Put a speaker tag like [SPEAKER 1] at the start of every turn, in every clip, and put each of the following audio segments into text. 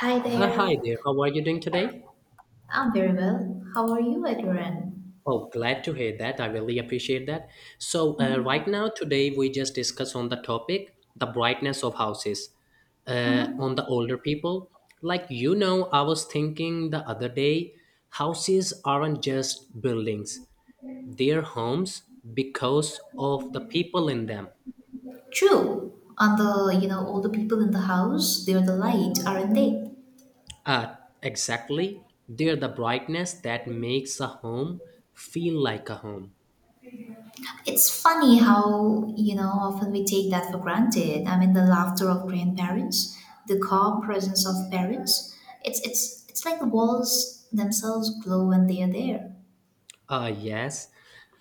[SPEAKER 1] Hi there.
[SPEAKER 2] Hi there. How are you doing today?
[SPEAKER 1] I'm very well. How are you at your end?
[SPEAKER 2] Oh, glad to hear that. I really appreciate that. So, right now, today we just discuss on the topic the brightness of houses on
[SPEAKER 1] Mm-hmm.
[SPEAKER 2] the older people. Like you know, I was thinking the other day, houses aren't just buildings; they're homes because of the people in them.
[SPEAKER 1] True. And all the people in the house, they're the light, aren't they?
[SPEAKER 2] Uh, exactly. They're the brightness that makes a home feel like a home.
[SPEAKER 1] It's funny how, you know, often we take that for granted. I mean, the laughter of grandparents, the calm presence of parents. It's like the walls themselves glow when they are there.
[SPEAKER 2] Ah, yes,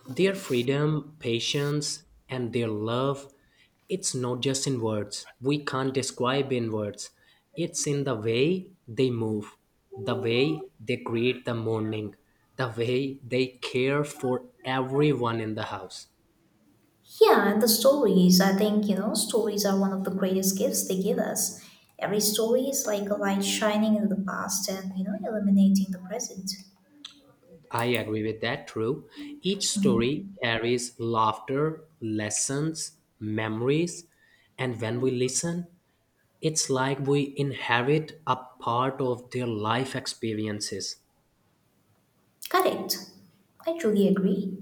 [SPEAKER 2] their freedom, patience, and their love, it's not just in words. We can't describe in words. It's in the way they move, the way they greet the morning, the way they care for everyone in the house.
[SPEAKER 1] Yeah, and the stories, I think, you know, stories are one of the greatest gifts they give us. Every story is like a light shining in the past and, you know, illuminating the present.
[SPEAKER 2] I agree with that, true. Each story carries laughter, lessons, memories, and when we listen, it's like we inherit a part of their life experiences.
[SPEAKER 1] Correct. I truly agree.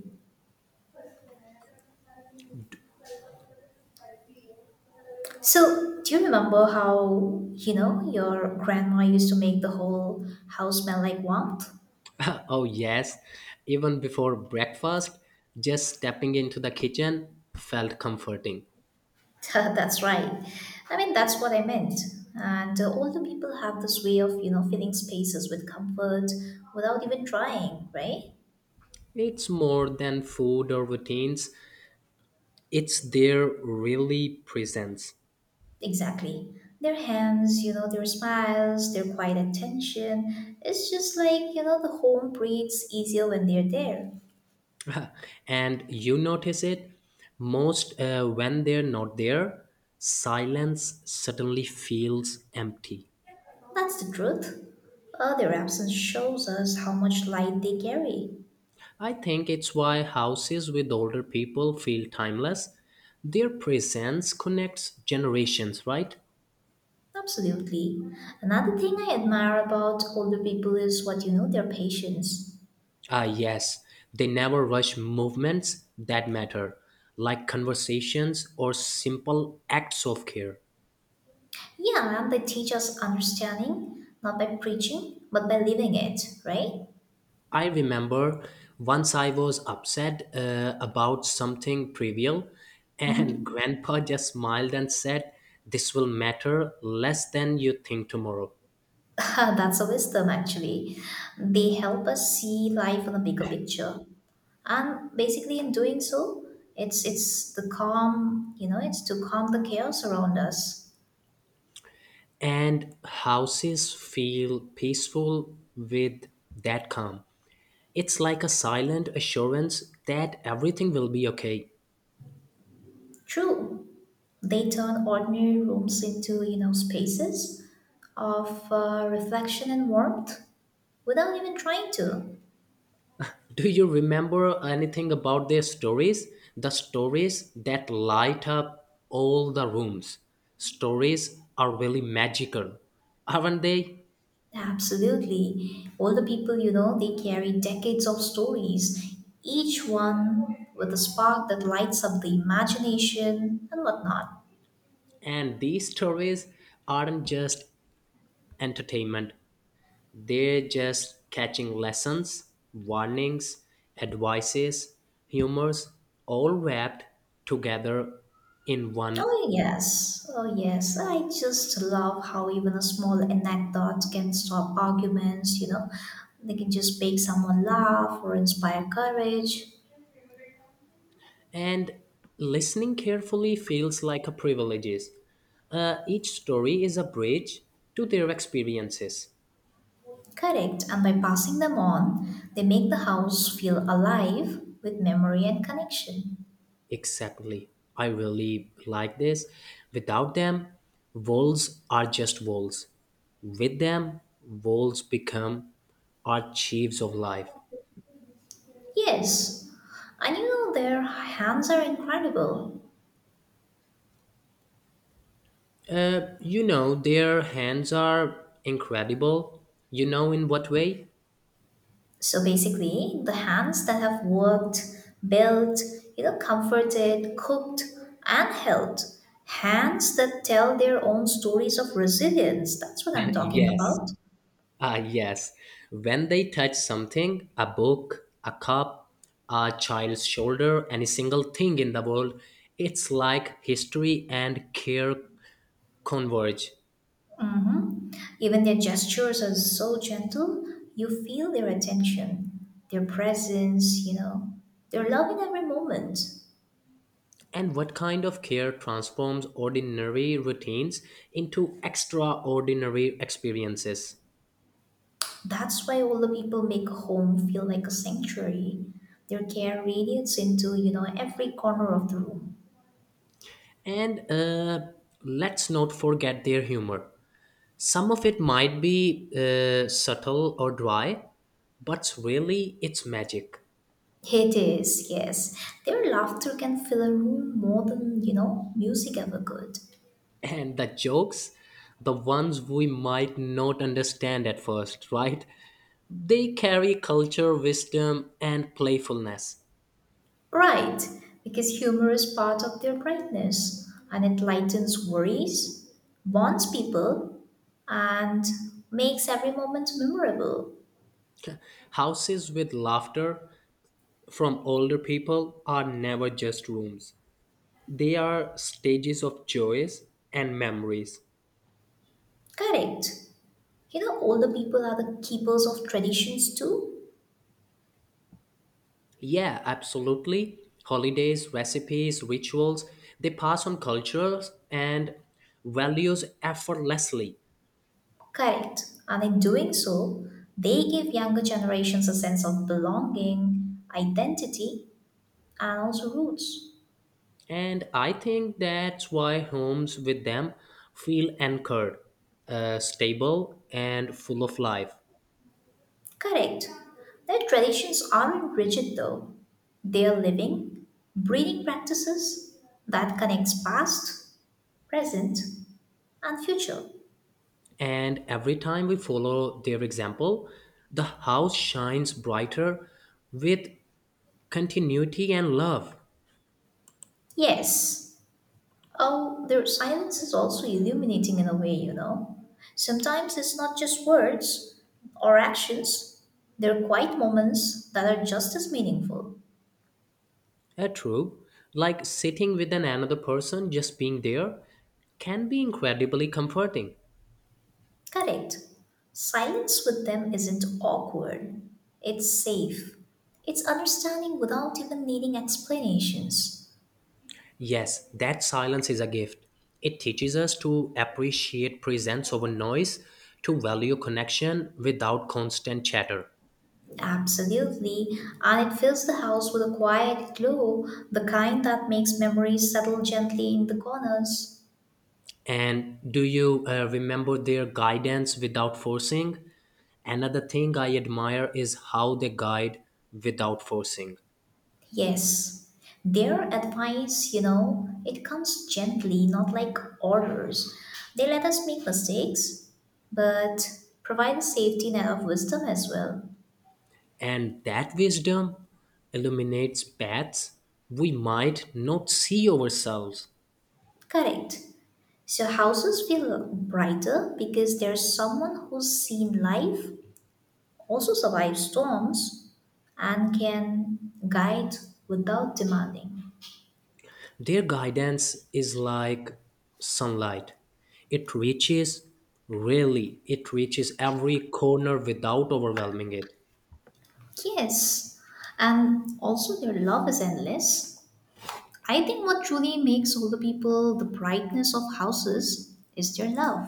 [SPEAKER 1] So, do you remember how, you know, your grandma used to make the whole house smell like warmth?
[SPEAKER 2] Oh, yes, even before breakfast, just stepping into the kitchen felt comforting.
[SPEAKER 1] That's right. I mean, that's what I meant. And older people have this way of, you know, filling spaces with comfort without even trying, right?
[SPEAKER 2] It's more than food or routines, it's their really presence.
[SPEAKER 1] Exactly. Their hands, you know, their smiles, their quiet attention. It's just like, you know, the home breathes easier when they're there.
[SPEAKER 2] And you notice it most when they're not there, silence suddenly feels empty.
[SPEAKER 1] That's the truth. Their absence shows us how much light they carry.
[SPEAKER 2] I think it's why houses with older people feel timeless. Their presence connects generations, right?
[SPEAKER 1] Absolutely. Another thing I admire about older people is what you know, their patience.
[SPEAKER 2] Ah, yes, they never rush movements that matter, like conversations or simple acts of care.
[SPEAKER 1] Yeah, and they teach us understanding, not by preaching, but by living it, right?
[SPEAKER 2] I remember once I was upset about something trivial, and
[SPEAKER 1] Hmm.
[SPEAKER 2] Grandpa just smiled and said, this will matter less than you think tomorrow.
[SPEAKER 1] That's a wisdom, actually. They help us see life in a bigger picture. And basically in doing so, it's the calm, you know, it's to calm the chaos around us.
[SPEAKER 2] And houses feel peaceful with that calm. It's like a silent assurance that everything will be okay.
[SPEAKER 1] True. They turn ordinary rooms into, you know, spaces of reflection and warmth without even trying to.
[SPEAKER 2] Do you remember anything about their stories? The stories that light up all the rooms. Stories are really magical, aren't they?
[SPEAKER 1] Absolutely, older people, you know, they carry decades of stories, each one with a spark that lights up the imagination and whatnot.
[SPEAKER 2] And these stories aren't just entertainment, they're just catching lessons, warnings, advices, humors, all wrapped together in one.
[SPEAKER 1] Oh, yes. Oh, yes. I just love how even a small anecdote can stop arguments, you know. They can just make someone laugh or inspire courage.
[SPEAKER 2] And listening carefully feels like a privilege. Each story is a bridge to their experiences.
[SPEAKER 1] Correct. And by passing them on, they make the house feel alive with memory and connection.
[SPEAKER 2] Exactly. I really like this. Without them, walls are just walls. With them, walls become archives of life.
[SPEAKER 1] Yes. And you know, their hands are incredible.
[SPEAKER 2] You know, their hands are incredible. You know, in what way?
[SPEAKER 1] So basically, the hands that have worked, built, you know, comforted, cooked, and held. Hands that tell their own stories of resilience. That's what I'm talking
[SPEAKER 2] Yes.
[SPEAKER 1] about.
[SPEAKER 2] Ah, yes. When they touch something, a book, a cup, a child's shoulder, any single thing in the world, it's like history and care converge.
[SPEAKER 1] Hmm. Even their gestures are so gentle. You feel their attention, their presence, you know, their love in every moment.
[SPEAKER 2] And what kind of care transforms ordinary routines into extraordinary experiences?
[SPEAKER 1] That's why all the people make home feel like a sanctuary. Their care radiates into, you know, every corner of the room.
[SPEAKER 2] And let's not forget their humor. Some of it might be subtle or dry, but really it's magic.
[SPEAKER 1] It is, yes. Their laughter can fill a room more than, you know, music ever could.
[SPEAKER 2] And the jokes, the ones we might not understand at first, right? They carry culture, wisdom, and playfulness.
[SPEAKER 1] Right, because humor is part of their brightness and it lightens worries, bonds people, and makes every moment memorable.
[SPEAKER 2] Houses with laughter from older people are never just rooms, they are stages of joys and memories.
[SPEAKER 1] Correct. You know, older people are the keepers of traditions too.
[SPEAKER 2] Yeah, absolutely. Holidays, recipes, rituals, they pass on cultures and values effortlessly.
[SPEAKER 1] Correct. And in doing so, they give younger generations a sense of belonging, identity, and also roots.
[SPEAKER 2] And I think that's why homes with them feel anchored, stable, and full of life.
[SPEAKER 1] Correct. Their traditions aren't rigid though. They are living, breathing practices that connects past, present, and future.
[SPEAKER 2] And every time we follow their example, the house shines brighter with continuity and love.
[SPEAKER 1] Yes. Oh, their silence is also illuminating in a way, you know. Sometimes it's not just words or actions, they're quiet moments that are just as meaningful.
[SPEAKER 2] Yeah, true. Like sitting with an another person, just being there, can be incredibly comforting.
[SPEAKER 1] Correct. Silence with them isn't awkward. It's safe. It's understanding without even needing explanations.
[SPEAKER 2] Yes, that silence is a gift. It teaches us to appreciate presence over noise, to value connection without constant chatter.
[SPEAKER 1] Absolutely. And it fills the house with a quiet glow, the kind that makes memories settle gently in the corners.
[SPEAKER 2] And do you remember their guidance without forcing? Another thing I admire is how they guide without forcing.
[SPEAKER 1] Yes. Their advice, you know, it comes gently, not like orders. They let us make mistakes, but provide a safety net of wisdom as well.
[SPEAKER 2] And that wisdom illuminates paths we might not see ourselves.
[SPEAKER 1] Correct. So houses feel brighter because there's someone who's seen life, also survived storms, and can guide without demanding.
[SPEAKER 2] Their guidance is like sunlight. It reaches, really, it reaches every corner without overwhelming it.
[SPEAKER 1] Yes, and also their love is endless. I think what truly makes older people the brightness of houses is their love.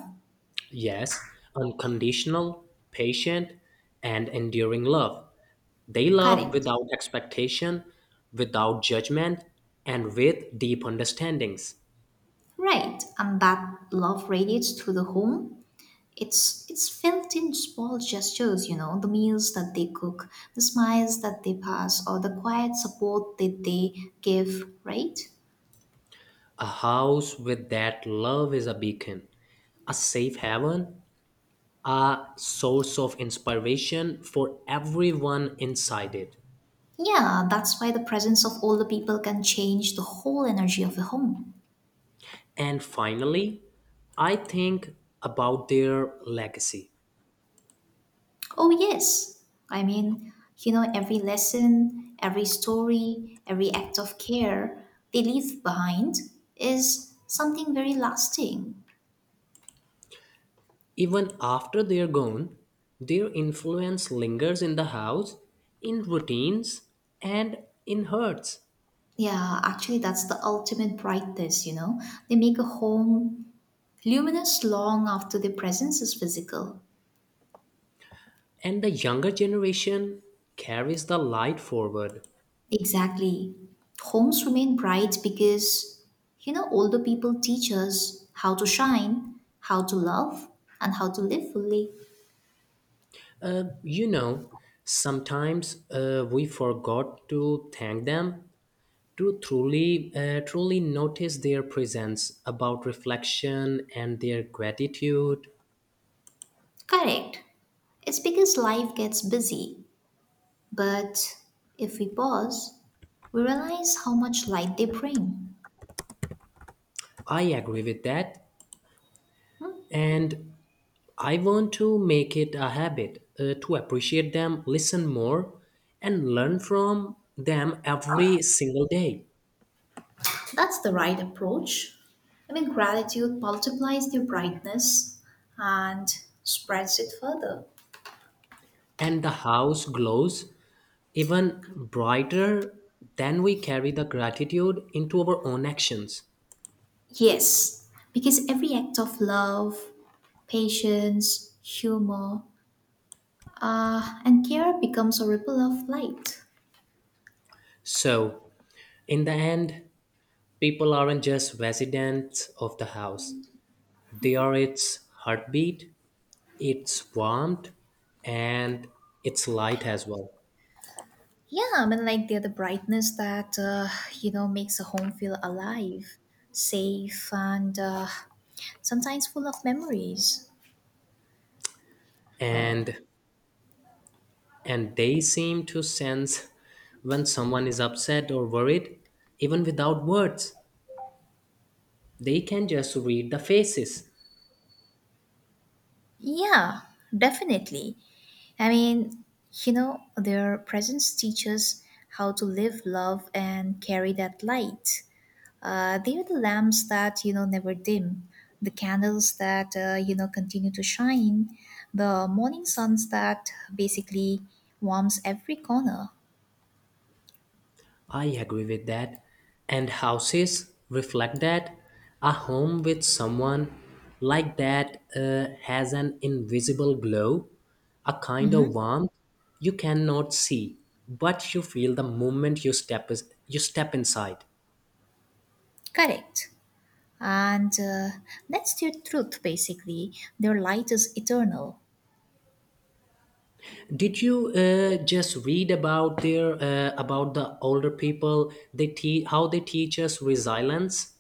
[SPEAKER 2] Yes, unconditional, patient, and enduring love. They love
[SPEAKER 1] Correct.
[SPEAKER 2] without expectation, without judgment, and with deep understandings.
[SPEAKER 1] Right, and that love radiates through the home. It's felt in small gestures, you know, the meals that they cook, the smiles that they pass, or the quiet support that they give, right?
[SPEAKER 2] A house with that love is a beacon, a safe haven, a source of inspiration for everyone inside it.
[SPEAKER 1] Yeah, that's why the presence of older people can change the whole energy of a home.
[SPEAKER 2] And finally, I think about their legacy.
[SPEAKER 1] Oh yes. I mean, you know, every lesson, every story, every act of care they leave behind is something very lasting.
[SPEAKER 2] Even after they're gone, their influence lingers in the house, in routines, and in hearts.
[SPEAKER 1] Yeah, actually, that's the ultimate brightness, you know. They make a home luminous long after their presence is physical.
[SPEAKER 2] And the younger generation carries the light forward.
[SPEAKER 1] Exactly. Homes remain bright because, you know, older people teach us how to shine, how to love, and how to live fully.
[SPEAKER 2] You know, sometimes we forgot to thank them, to truly, truly notice their presence, about reflection and their gratitude.
[SPEAKER 1] Correct. It's because life gets busy. But if we pause, we realize how much light they bring.
[SPEAKER 2] I agree with that, and I want to make it a habit to appreciate them, listen more, and learn from them every single day.
[SPEAKER 1] That's the right approach. I mean, gratitude multiplies their brightness and spreads it further.
[SPEAKER 2] And the house glows even brighter than we carry the gratitude into our own actions.
[SPEAKER 1] Yes, because every act of love, patience, humor, and care becomes a ripple of light.
[SPEAKER 2] So, in the end, people aren't just residents of the house, they are its heartbeat, its warmth, and its light as well.
[SPEAKER 1] Yeah, I mean, like they're the brightness that, you know, makes a home feel alive, safe, and sometimes full of memories.
[SPEAKER 2] And and they seem to sense when someone is upset or worried, even without words. They can just read the faces.
[SPEAKER 1] Yeah, definitely. I mean, you know, their presence teaches how to live, love, and carry that light. They are the lamps that, you know, never dim, the candles that, you know, continue to shine, the morning suns that basically warms every corner.
[SPEAKER 2] I agree with that. And houses reflect that. A home with someone like that has an invisible glow, a kind of
[SPEAKER 1] Hmm.
[SPEAKER 2] warmth you cannot see, but you feel the moment you step inside.
[SPEAKER 1] Correct. And that's their truth, basically. Their light is eternal.
[SPEAKER 2] Did you just read about their about the older people? How they teach us resilience.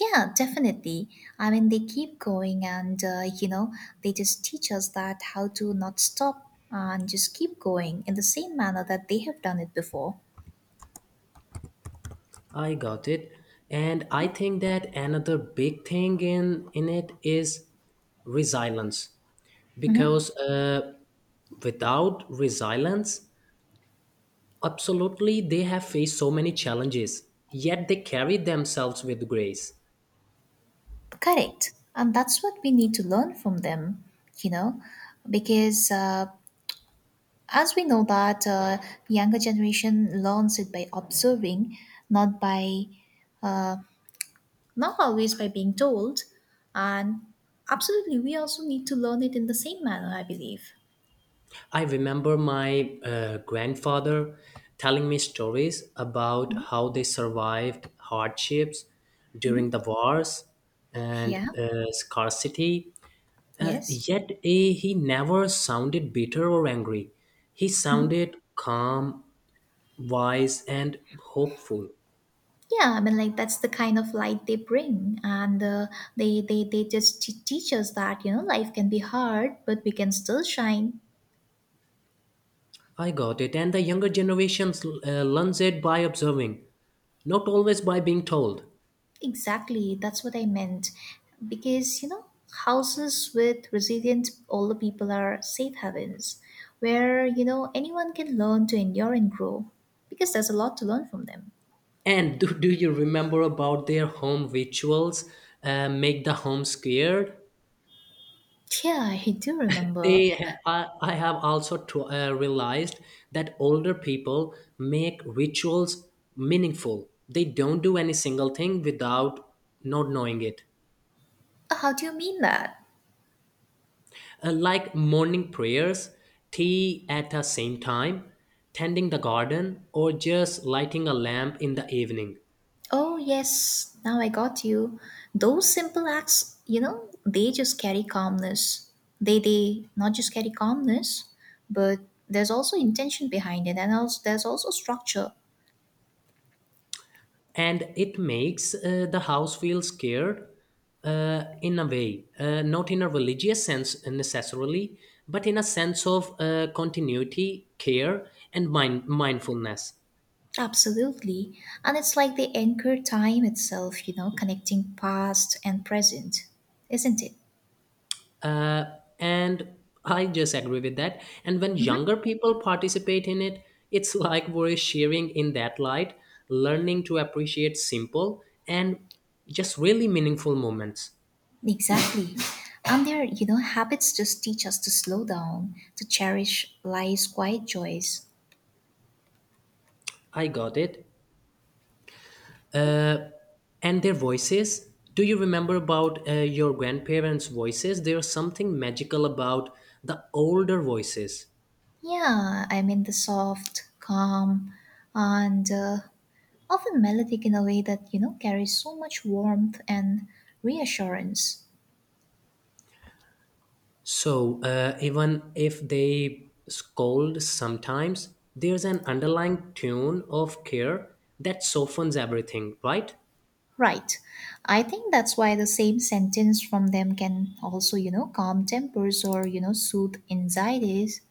[SPEAKER 1] Yeah, definitely. I mean, they keep going and, you know, they just teach us that how to not stop and just keep going in the same manner that they have done it before.
[SPEAKER 2] I got it. And I think that another big thing in it is resilience.
[SPEAKER 1] Hmm.
[SPEAKER 2] Because without resilience, absolutely they have faced so many challenges, yet they carry themselves with grace.
[SPEAKER 1] Correct. And that's what we need to learn from them, you know, because as we know that younger generation learns it by observing, not by, uh, not always by being told. And absolutely, we also need to learn it in the same manner, I believe.
[SPEAKER 2] I remember my grandfather telling me stories about how they survived hardships during the wars and
[SPEAKER 1] Yeah.
[SPEAKER 2] scarcity.
[SPEAKER 1] Yes.
[SPEAKER 2] Yet he never sounded bitter or angry. He sounded calm, wise, and hopeful.
[SPEAKER 1] Yeah, I mean, like that's the kind of light they bring, and teach us that you know life can be hard, but we can still shine.
[SPEAKER 2] I got it. And the younger generations learns it by observing, not always by being told.
[SPEAKER 1] Exactly, that's what I meant, because you know houses with resilient older people are safe havens, where you know anyone can learn to endure and grow, because there's a lot to learn from them.
[SPEAKER 2] And do you remember about their home rituals? Make the home scared?
[SPEAKER 1] Yeah, I do remember.
[SPEAKER 2] I have also realized that older people make rituals meaningful. They don't do any single thing without not knowing it.
[SPEAKER 1] How do you mean that?
[SPEAKER 2] Like morning prayers, tea at the same time, tending the garden, or just lighting a lamp in the evening.
[SPEAKER 1] Oh, yes, now I got you. Those simple acts, you know, they just carry calmness. They not just carry calmness, but there's also intention behind it and also there's also structure.
[SPEAKER 2] And it makes the house feel scared, in a way, not in a religious sense necessarily, but in a sense of continuity, care, and mindfulness.
[SPEAKER 1] Absolutely. And it's like they anchor time itself, you know, connecting past and present, isn't it?
[SPEAKER 2] Uh, and I just agree with that. And when
[SPEAKER 1] Hmm.
[SPEAKER 2] younger people participate in it, it's like we're sharing in that light, learning to appreciate simple and just really meaningful moments.
[SPEAKER 1] Exactly. And their, you know, habits just teach us to slow down, to cherish life's quiet joys.
[SPEAKER 2] I got it. And their voices, do you remember about your grandparents voices? There's something magical about the older voices.
[SPEAKER 1] Yeah, I mean the soft, calm, and often melodic in a way that you know carries so much warmth and reassurance.
[SPEAKER 2] So even if they scold sometimes there's an underlying tune of care that softens everything, right?
[SPEAKER 1] Right. I think that's why the same sentence from them can also you know calm tempers or you know soothe anxieties.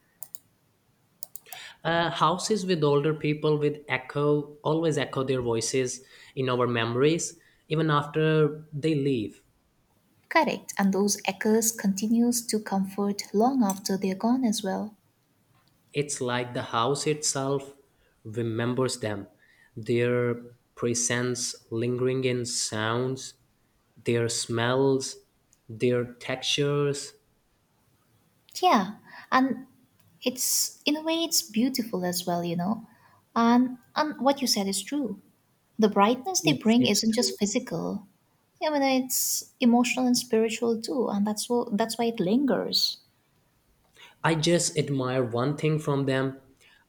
[SPEAKER 2] Houses with older people with echo always echo their voices in our memories even after they leave.
[SPEAKER 1] Correct. And those echoes continues to comfort long after they're gone as well.
[SPEAKER 2] It's like the house itself remembers them, their presence lingering in sounds, their smells, their textures.
[SPEAKER 1] Yeah, and it's in a way it's beautiful as well, you know. And what you said is true. The brightness they
[SPEAKER 2] Yes,
[SPEAKER 1] bring
[SPEAKER 2] it's
[SPEAKER 1] isn't
[SPEAKER 2] true.
[SPEAKER 1] just physical. I mean, it's emotional and spiritual too, and that's why it lingers.
[SPEAKER 2] I just admire one thing from them.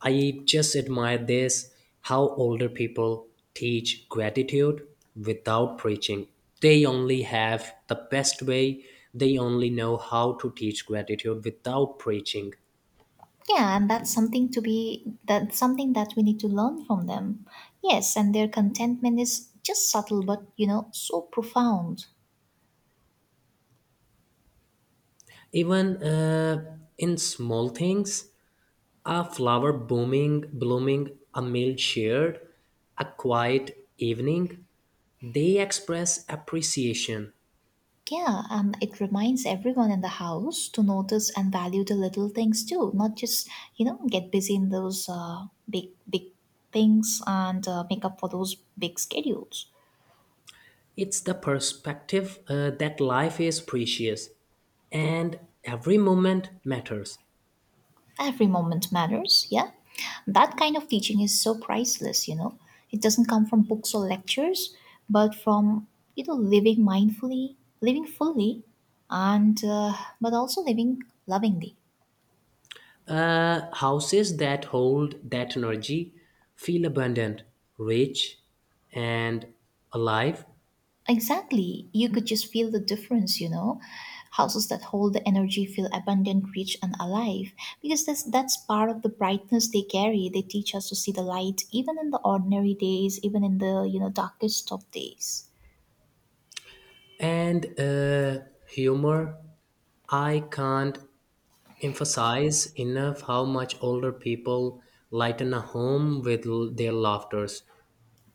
[SPEAKER 2] I just admire this how older people teach gratitude without preaching. They only have the best way, they only know how to teach gratitude without preaching.
[SPEAKER 1] Yeah, and that's something that we need to learn from them. Yes, and their contentment is just subtle, but you know, so profound.
[SPEAKER 2] Even in small things, a flower booming blooming, a meal shared, a quiet evening, they express appreciation.
[SPEAKER 1] Yeah, and it reminds everyone in the house to notice and value the little things too, not just you know get busy in those big things and make up for those big schedules.
[SPEAKER 2] It's the perspective that life is precious and every moment matters.
[SPEAKER 1] Every moment matters, yeah? That kind of teaching is so priceless, you know. It doesn't come from books or lectures, but from, you know, living mindfully, living fully, and, but also living lovingly.
[SPEAKER 2] Houses that hold that energy feel abundant, rich, and alive.
[SPEAKER 1] Exactly. You could just feel the difference, you know. Houses that hold the energy feel abundant, rich, and alive because that's part of the brightness they carry. They teach us to see the light even in the ordinary days, even in the, you know, darkest of days.
[SPEAKER 2] And humor, I can't emphasize enough how much older people lighten a home with their laughters.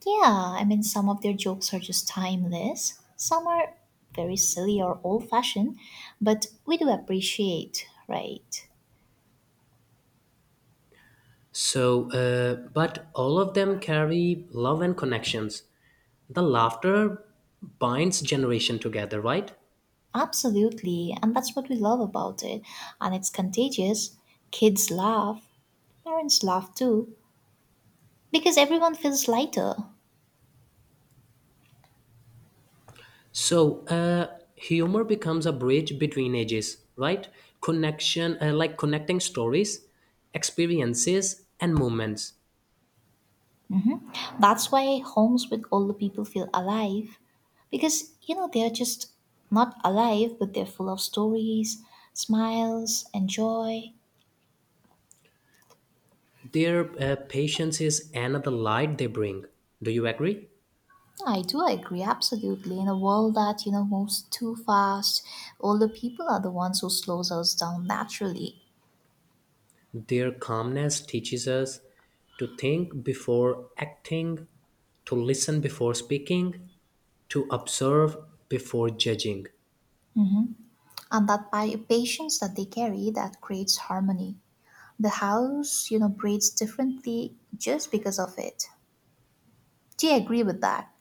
[SPEAKER 1] Yeah, I mean, some of their jokes are just timeless. Some are very silly or old fashioned, but we do appreciate, right?
[SPEAKER 2] So but all of them carry love and connections. The laughter binds generation together, right?
[SPEAKER 1] Absolutely, and that's what we love about it. And it's contagious. Kids laugh, parents laugh too, because everyone feels lighter.
[SPEAKER 2] So humor becomes a bridge between ages, right? Connection, like connecting stories, experiences and moments.
[SPEAKER 1] Hmm. That's why homes with older people feel alive, because, you know, they're just not alive, but they're full of stories, smiles, and joy.
[SPEAKER 2] Their patience is another light they bring. Do you agree?
[SPEAKER 1] Yeah, I do agree, absolutely. In a world that, you know, moves too fast, older people are the ones who slows us down naturally.
[SPEAKER 2] Their calmness teaches us to think before acting, to listen before speaking, to observe before judging.
[SPEAKER 1] Hmm. And that by patience that they carry, that creates harmony. The house, you know, breathes differently just because of it. Do you agree with that?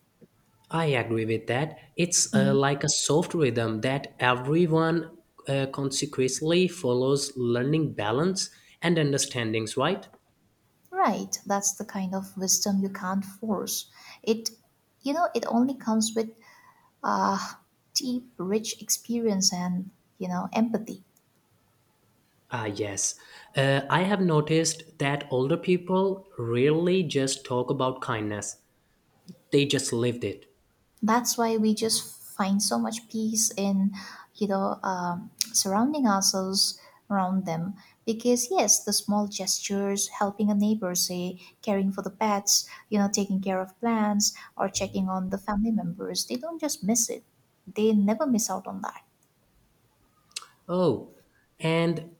[SPEAKER 2] I agree with that. It's
[SPEAKER 1] Mm.
[SPEAKER 2] like a soft rhythm that everyone consequently follows, learning balance and understandings, right?
[SPEAKER 1] Right. That's the kind of wisdom you can't force. It, you know, it only comes with uh, deep, rich experience and, you know, empathy.
[SPEAKER 2] Ah, yes. I have noticed that older people rarely just talk about kindness. They just lived it.
[SPEAKER 1] That's why we just find so much peace in surrounding ourselves around them, because yes, the small gestures, helping a neighbor, say caring for the pets, taking care of plants or checking on the family members, they don't just miss it, they never miss out on that.
[SPEAKER 2] Oh, and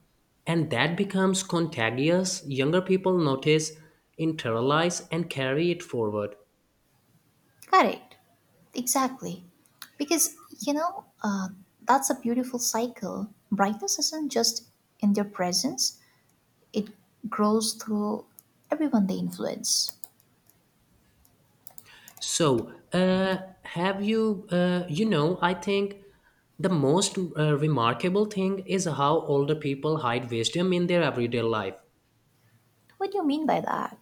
[SPEAKER 2] and that becomes contagious. Younger people notice, internalize, and carry it forward.
[SPEAKER 1] Correct. Exactly. Because you know uh, that's a beautiful cycle. Brightness isn't just in their presence, it grows through everyone they influence.
[SPEAKER 2] So, have you, you know, I think the most remarkable thing is how older people hide wisdom in their everyday life.
[SPEAKER 1] What do you mean by that?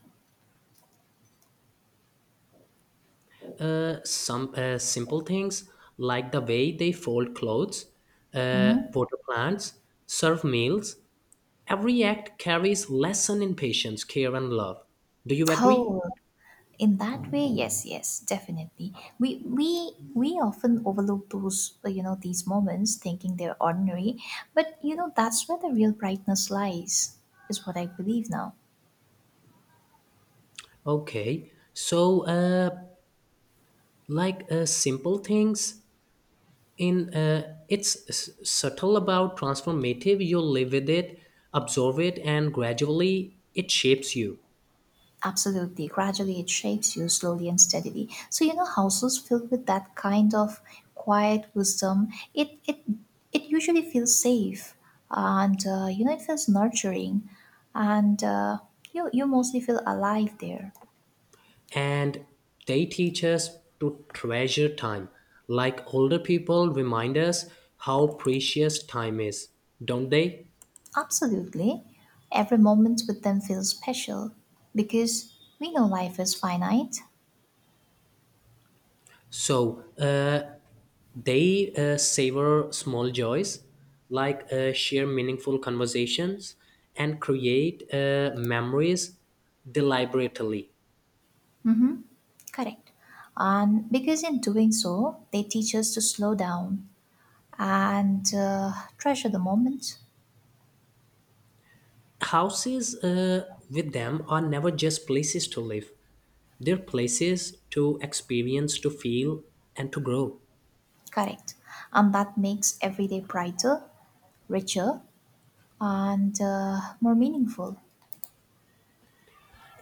[SPEAKER 2] Some simple things like the way they fold clothes,
[SPEAKER 1] Hmm.
[SPEAKER 2] water plants, serve meals. Every act carries lesson in patience, care, and love. Do you agree?
[SPEAKER 1] Oh, in that way, yes, yes, definitely. We often overlook those these moments, thinking they're ordinary, but you know that's where the real brightness lies, is what I believe now.
[SPEAKER 2] Okay. So, like simple things in it's subtle about transformative. You live with it, absorb it, and gradually it shapes you.
[SPEAKER 1] Absolutely. Gradually, it shapes you, slowly and steadily. So you know, houses filled with that kind of quiet wisdom, it it it usually feels safe, and you know, it feels nurturing, and you you mostly feel alive there.
[SPEAKER 2] And they teach us to treasure time. Like older people remind us how precious time is, don't they?
[SPEAKER 1] Absolutely, every moment with them feels special because we know life is finite.
[SPEAKER 2] So they savor small joys, like share meaningful conversations and create memories deliberately.
[SPEAKER 1] Mm-hmm. Correct. And because in doing so, they teach us to slow down and treasure the moment.
[SPEAKER 2] Houses with them are never just places to live, they're places to experience, to feel, and to grow.
[SPEAKER 1] Correct. And that makes every day brighter, richer, and more meaningful.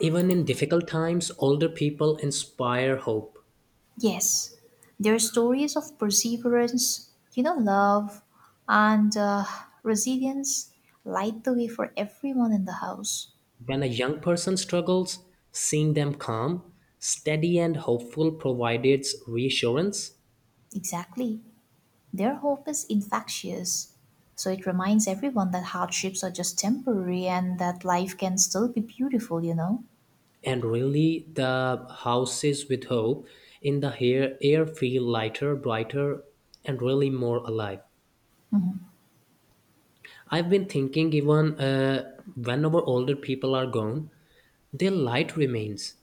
[SPEAKER 2] Even in difficult times, older people inspire hope.
[SPEAKER 1] Yes, there are stories of perseverance, you know, love, and resilience light the way for everyone in the house.
[SPEAKER 2] When a young person struggles, seeing them calm, steady, and hopeful provides reassurance.
[SPEAKER 1] Exactly. Their hope is infectious. So it reminds everyone that hardships are just temporary and that life can still be beautiful, you know?
[SPEAKER 2] And really, the houses with hope in the air feel lighter, brighter, and really more alive. I've been thinking, even whenever older people are gone, their light remains.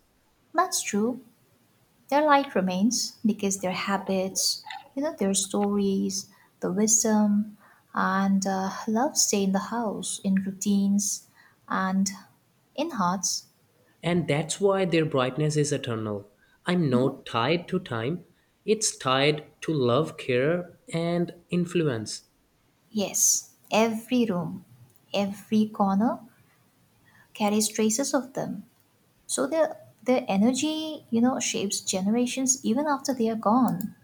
[SPEAKER 1] That's true. Their light remains because their habits, you know, their stories, the wisdom, and love stay in the house, in routines, and in hearts.
[SPEAKER 2] And that's why their brightness is eternal. I'm
[SPEAKER 1] Mhm.
[SPEAKER 2] not tied to time, it's tied to love, care, and influence.
[SPEAKER 1] Yes, every room, every corner carries traces of them. So their energy, you know, shapes generations even after they are gone.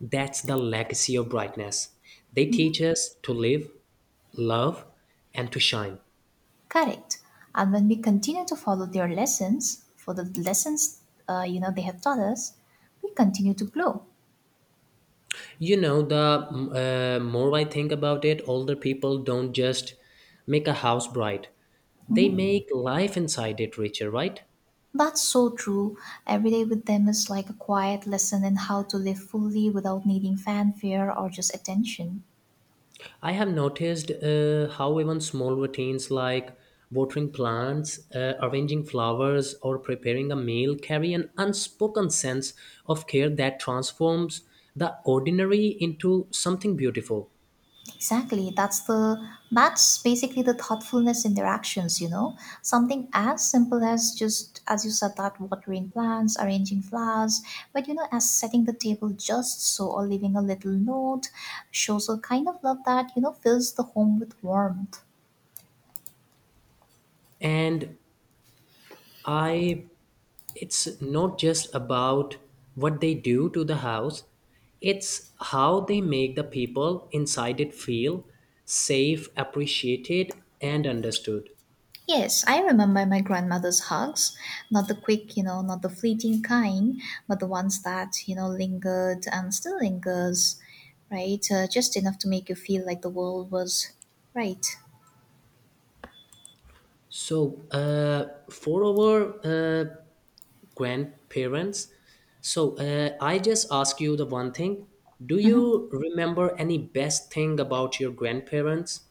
[SPEAKER 2] That's the legacy of brightness. They teach us to live, love, and to shine.
[SPEAKER 1] Correct. And when we continue to follow their lessons, for the lessons, you know, they have taught us, we continue to grow.
[SPEAKER 2] You know, the more I think about it, older people don't just make a house bright, they
[SPEAKER 1] Mhm.
[SPEAKER 2] make life inside it richer, right?
[SPEAKER 1] That's so true. Every day with them is like a quiet lesson in how to live fully without needing fanfare or just attention.
[SPEAKER 2] I have noticed how even small routines like watering plants, arranging flowers, or preparing a meal carry an unspoken sense of care that transforms the ordinary into something beautiful.
[SPEAKER 1] Exactly. That's basically the thoughtfulness in their actions, you know? Something as simple as, just as you said, that watering plants, arranging flowers, but you know, as setting the table just so, or leaving a little note shows a kind of love that, you know, fills the home with warmth.
[SPEAKER 2] And I, it's not just about what they do to the house, it's how they make the people inside it feel safe, appreciated, and understood.
[SPEAKER 1] Yes, I remember my grandmother's hugs, not the quick, you know, not the fleeting kind, but the ones that, you know, lingered and still lingers, right? Just enough to make you feel like the world was right.
[SPEAKER 2] So, for our grandparents, so I just ask you the one thing. Do
[SPEAKER 1] Mhm.
[SPEAKER 2] you remember any best thing about your grandparents?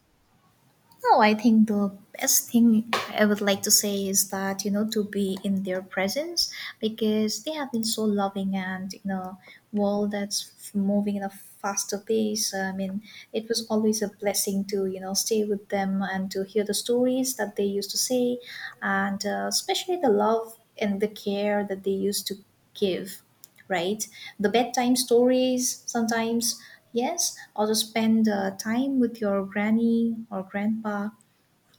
[SPEAKER 1] No, I think the best thing I would like to say is that, you know, to be in their presence, because they have been so loving. And in a world that's moving in a faster pace, I mean, it was always a blessing to, you know, stay with them and to hear the stories that they used to say, and especially the love and the care that they used to give, right? The bedtime stories sometimes, yes, also spend time with your granny or grandpa.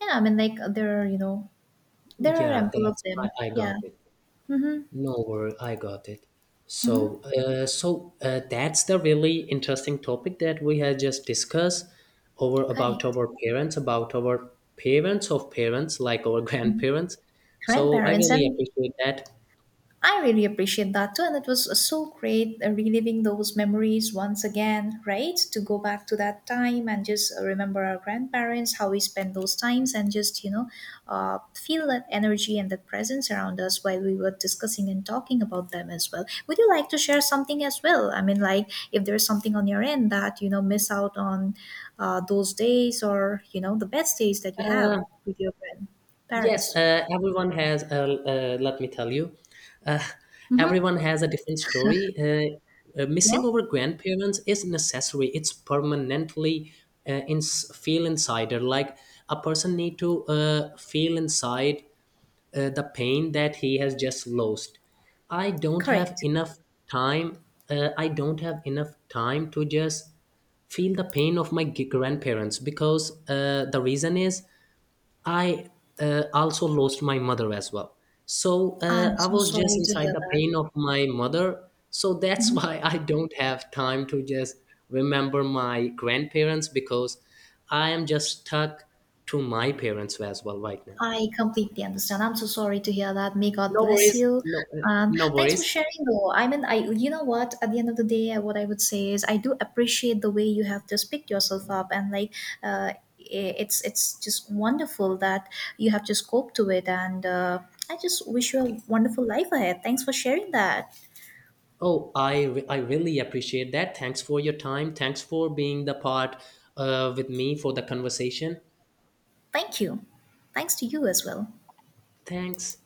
[SPEAKER 1] Yeah, I mean, like there are, you know, there are
[SPEAKER 2] Yeah,
[SPEAKER 1] ample of
[SPEAKER 2] that's.
[SPEAKER 1] them.
[SPEAKER 2] I got
[SPEAKER 1] Yeah.
[SPEAKER 2] it.
[SPEAKER 1] Mm-hmm,
[SPEAKER 2] No worry, I got it. So,
[SPEAKER 1] mm-hmm.
[SPEAKER 2] that's the really interesting topic that we have just discussed over
[SPEAKER 1] Correct.
[SPEAKER 2] about our parents of parents, like our grandparents. So I
[SPEAKER 1] Grandparents.
[SPEAKER 2] really
[SPEAKER 1] And
[SPEAKER 2] appreciate that.
[SPEAKER 1] I really appreciate that too. And it was so great reliving those memories once again, right? To go back to that time and just remember our grandparents, how we spent those times, and just, you know, feel that energy and that presence around us while we were discussing and talking about them as well. Would you like to share something as well? I mean, like if there's something on your end that, you know, miss out on those days, or, you know, the best days that you have with your grand-
[SPEAKER 2] Yes,
[SPEAKER 1] parents.
[SPEAKER 2] everyone has. Let me tell you, uh,
[SPEAKER 1] Mm-hmm.
[SPEAKER 2] everyone has a different story.
[SPEAKER 1] Yeah,
[SPEAKER 2] Missing over grandparents is necessary. It's permanently in feel insider. Like a person need to feel inside the pain that he has just lost. I don't have
[SPEAKER 1] correct.
[SPEAKER 2] enough time. I don't have enough time to just feel the pain of my grandparents because the reason is I also lost my mother as well. So
[SPEAKER 1] I'm
[SPEAKER 2] I
[SPEAKER 1] so
[SPEAKER 2] was just
[SPEAKER 1] sorry to
[SPEAKER 2] inside
[SPEAKER 1] hear
[SPEAKER 2] the
[SPEAKER 1] that.
[SPEAKER 2] pain of my mother. So that's
[SPEAKER 1] Mhm.
[SPEAKER 2] why I don't have time to just remember my grandparents because I am just stuck to my parents as well right now.
[SPEAKER 1] I completely understand. I'm so sorry to hear that. May God
[SPEAKER 2] No
[SPEAKER 1] bless
[SPEAKER 2] worries.
[SPEAKER 1] you.
[SPEAKER 2] No
[SPEAKER 1] Thanks for
[SPEAKER 2] worries.
[SPEAKER 1] sharing, though. I mean, I, you know what? At the end of the day, what I would say is I do appreciate the way you have just picked yourself up and like. Uh, it's just wonderful that you have just coped to it, and I just wish you a wonderful life ahead. Thanks for sharing that.
[SPEAKER 2] Oh, I really appreciate that. Thanks for your time. Thanks for being the part with me for the conversation.
[SPEAKER 1] Thank you. Thanks to you as well.
[SPEAKER 2] Thanks.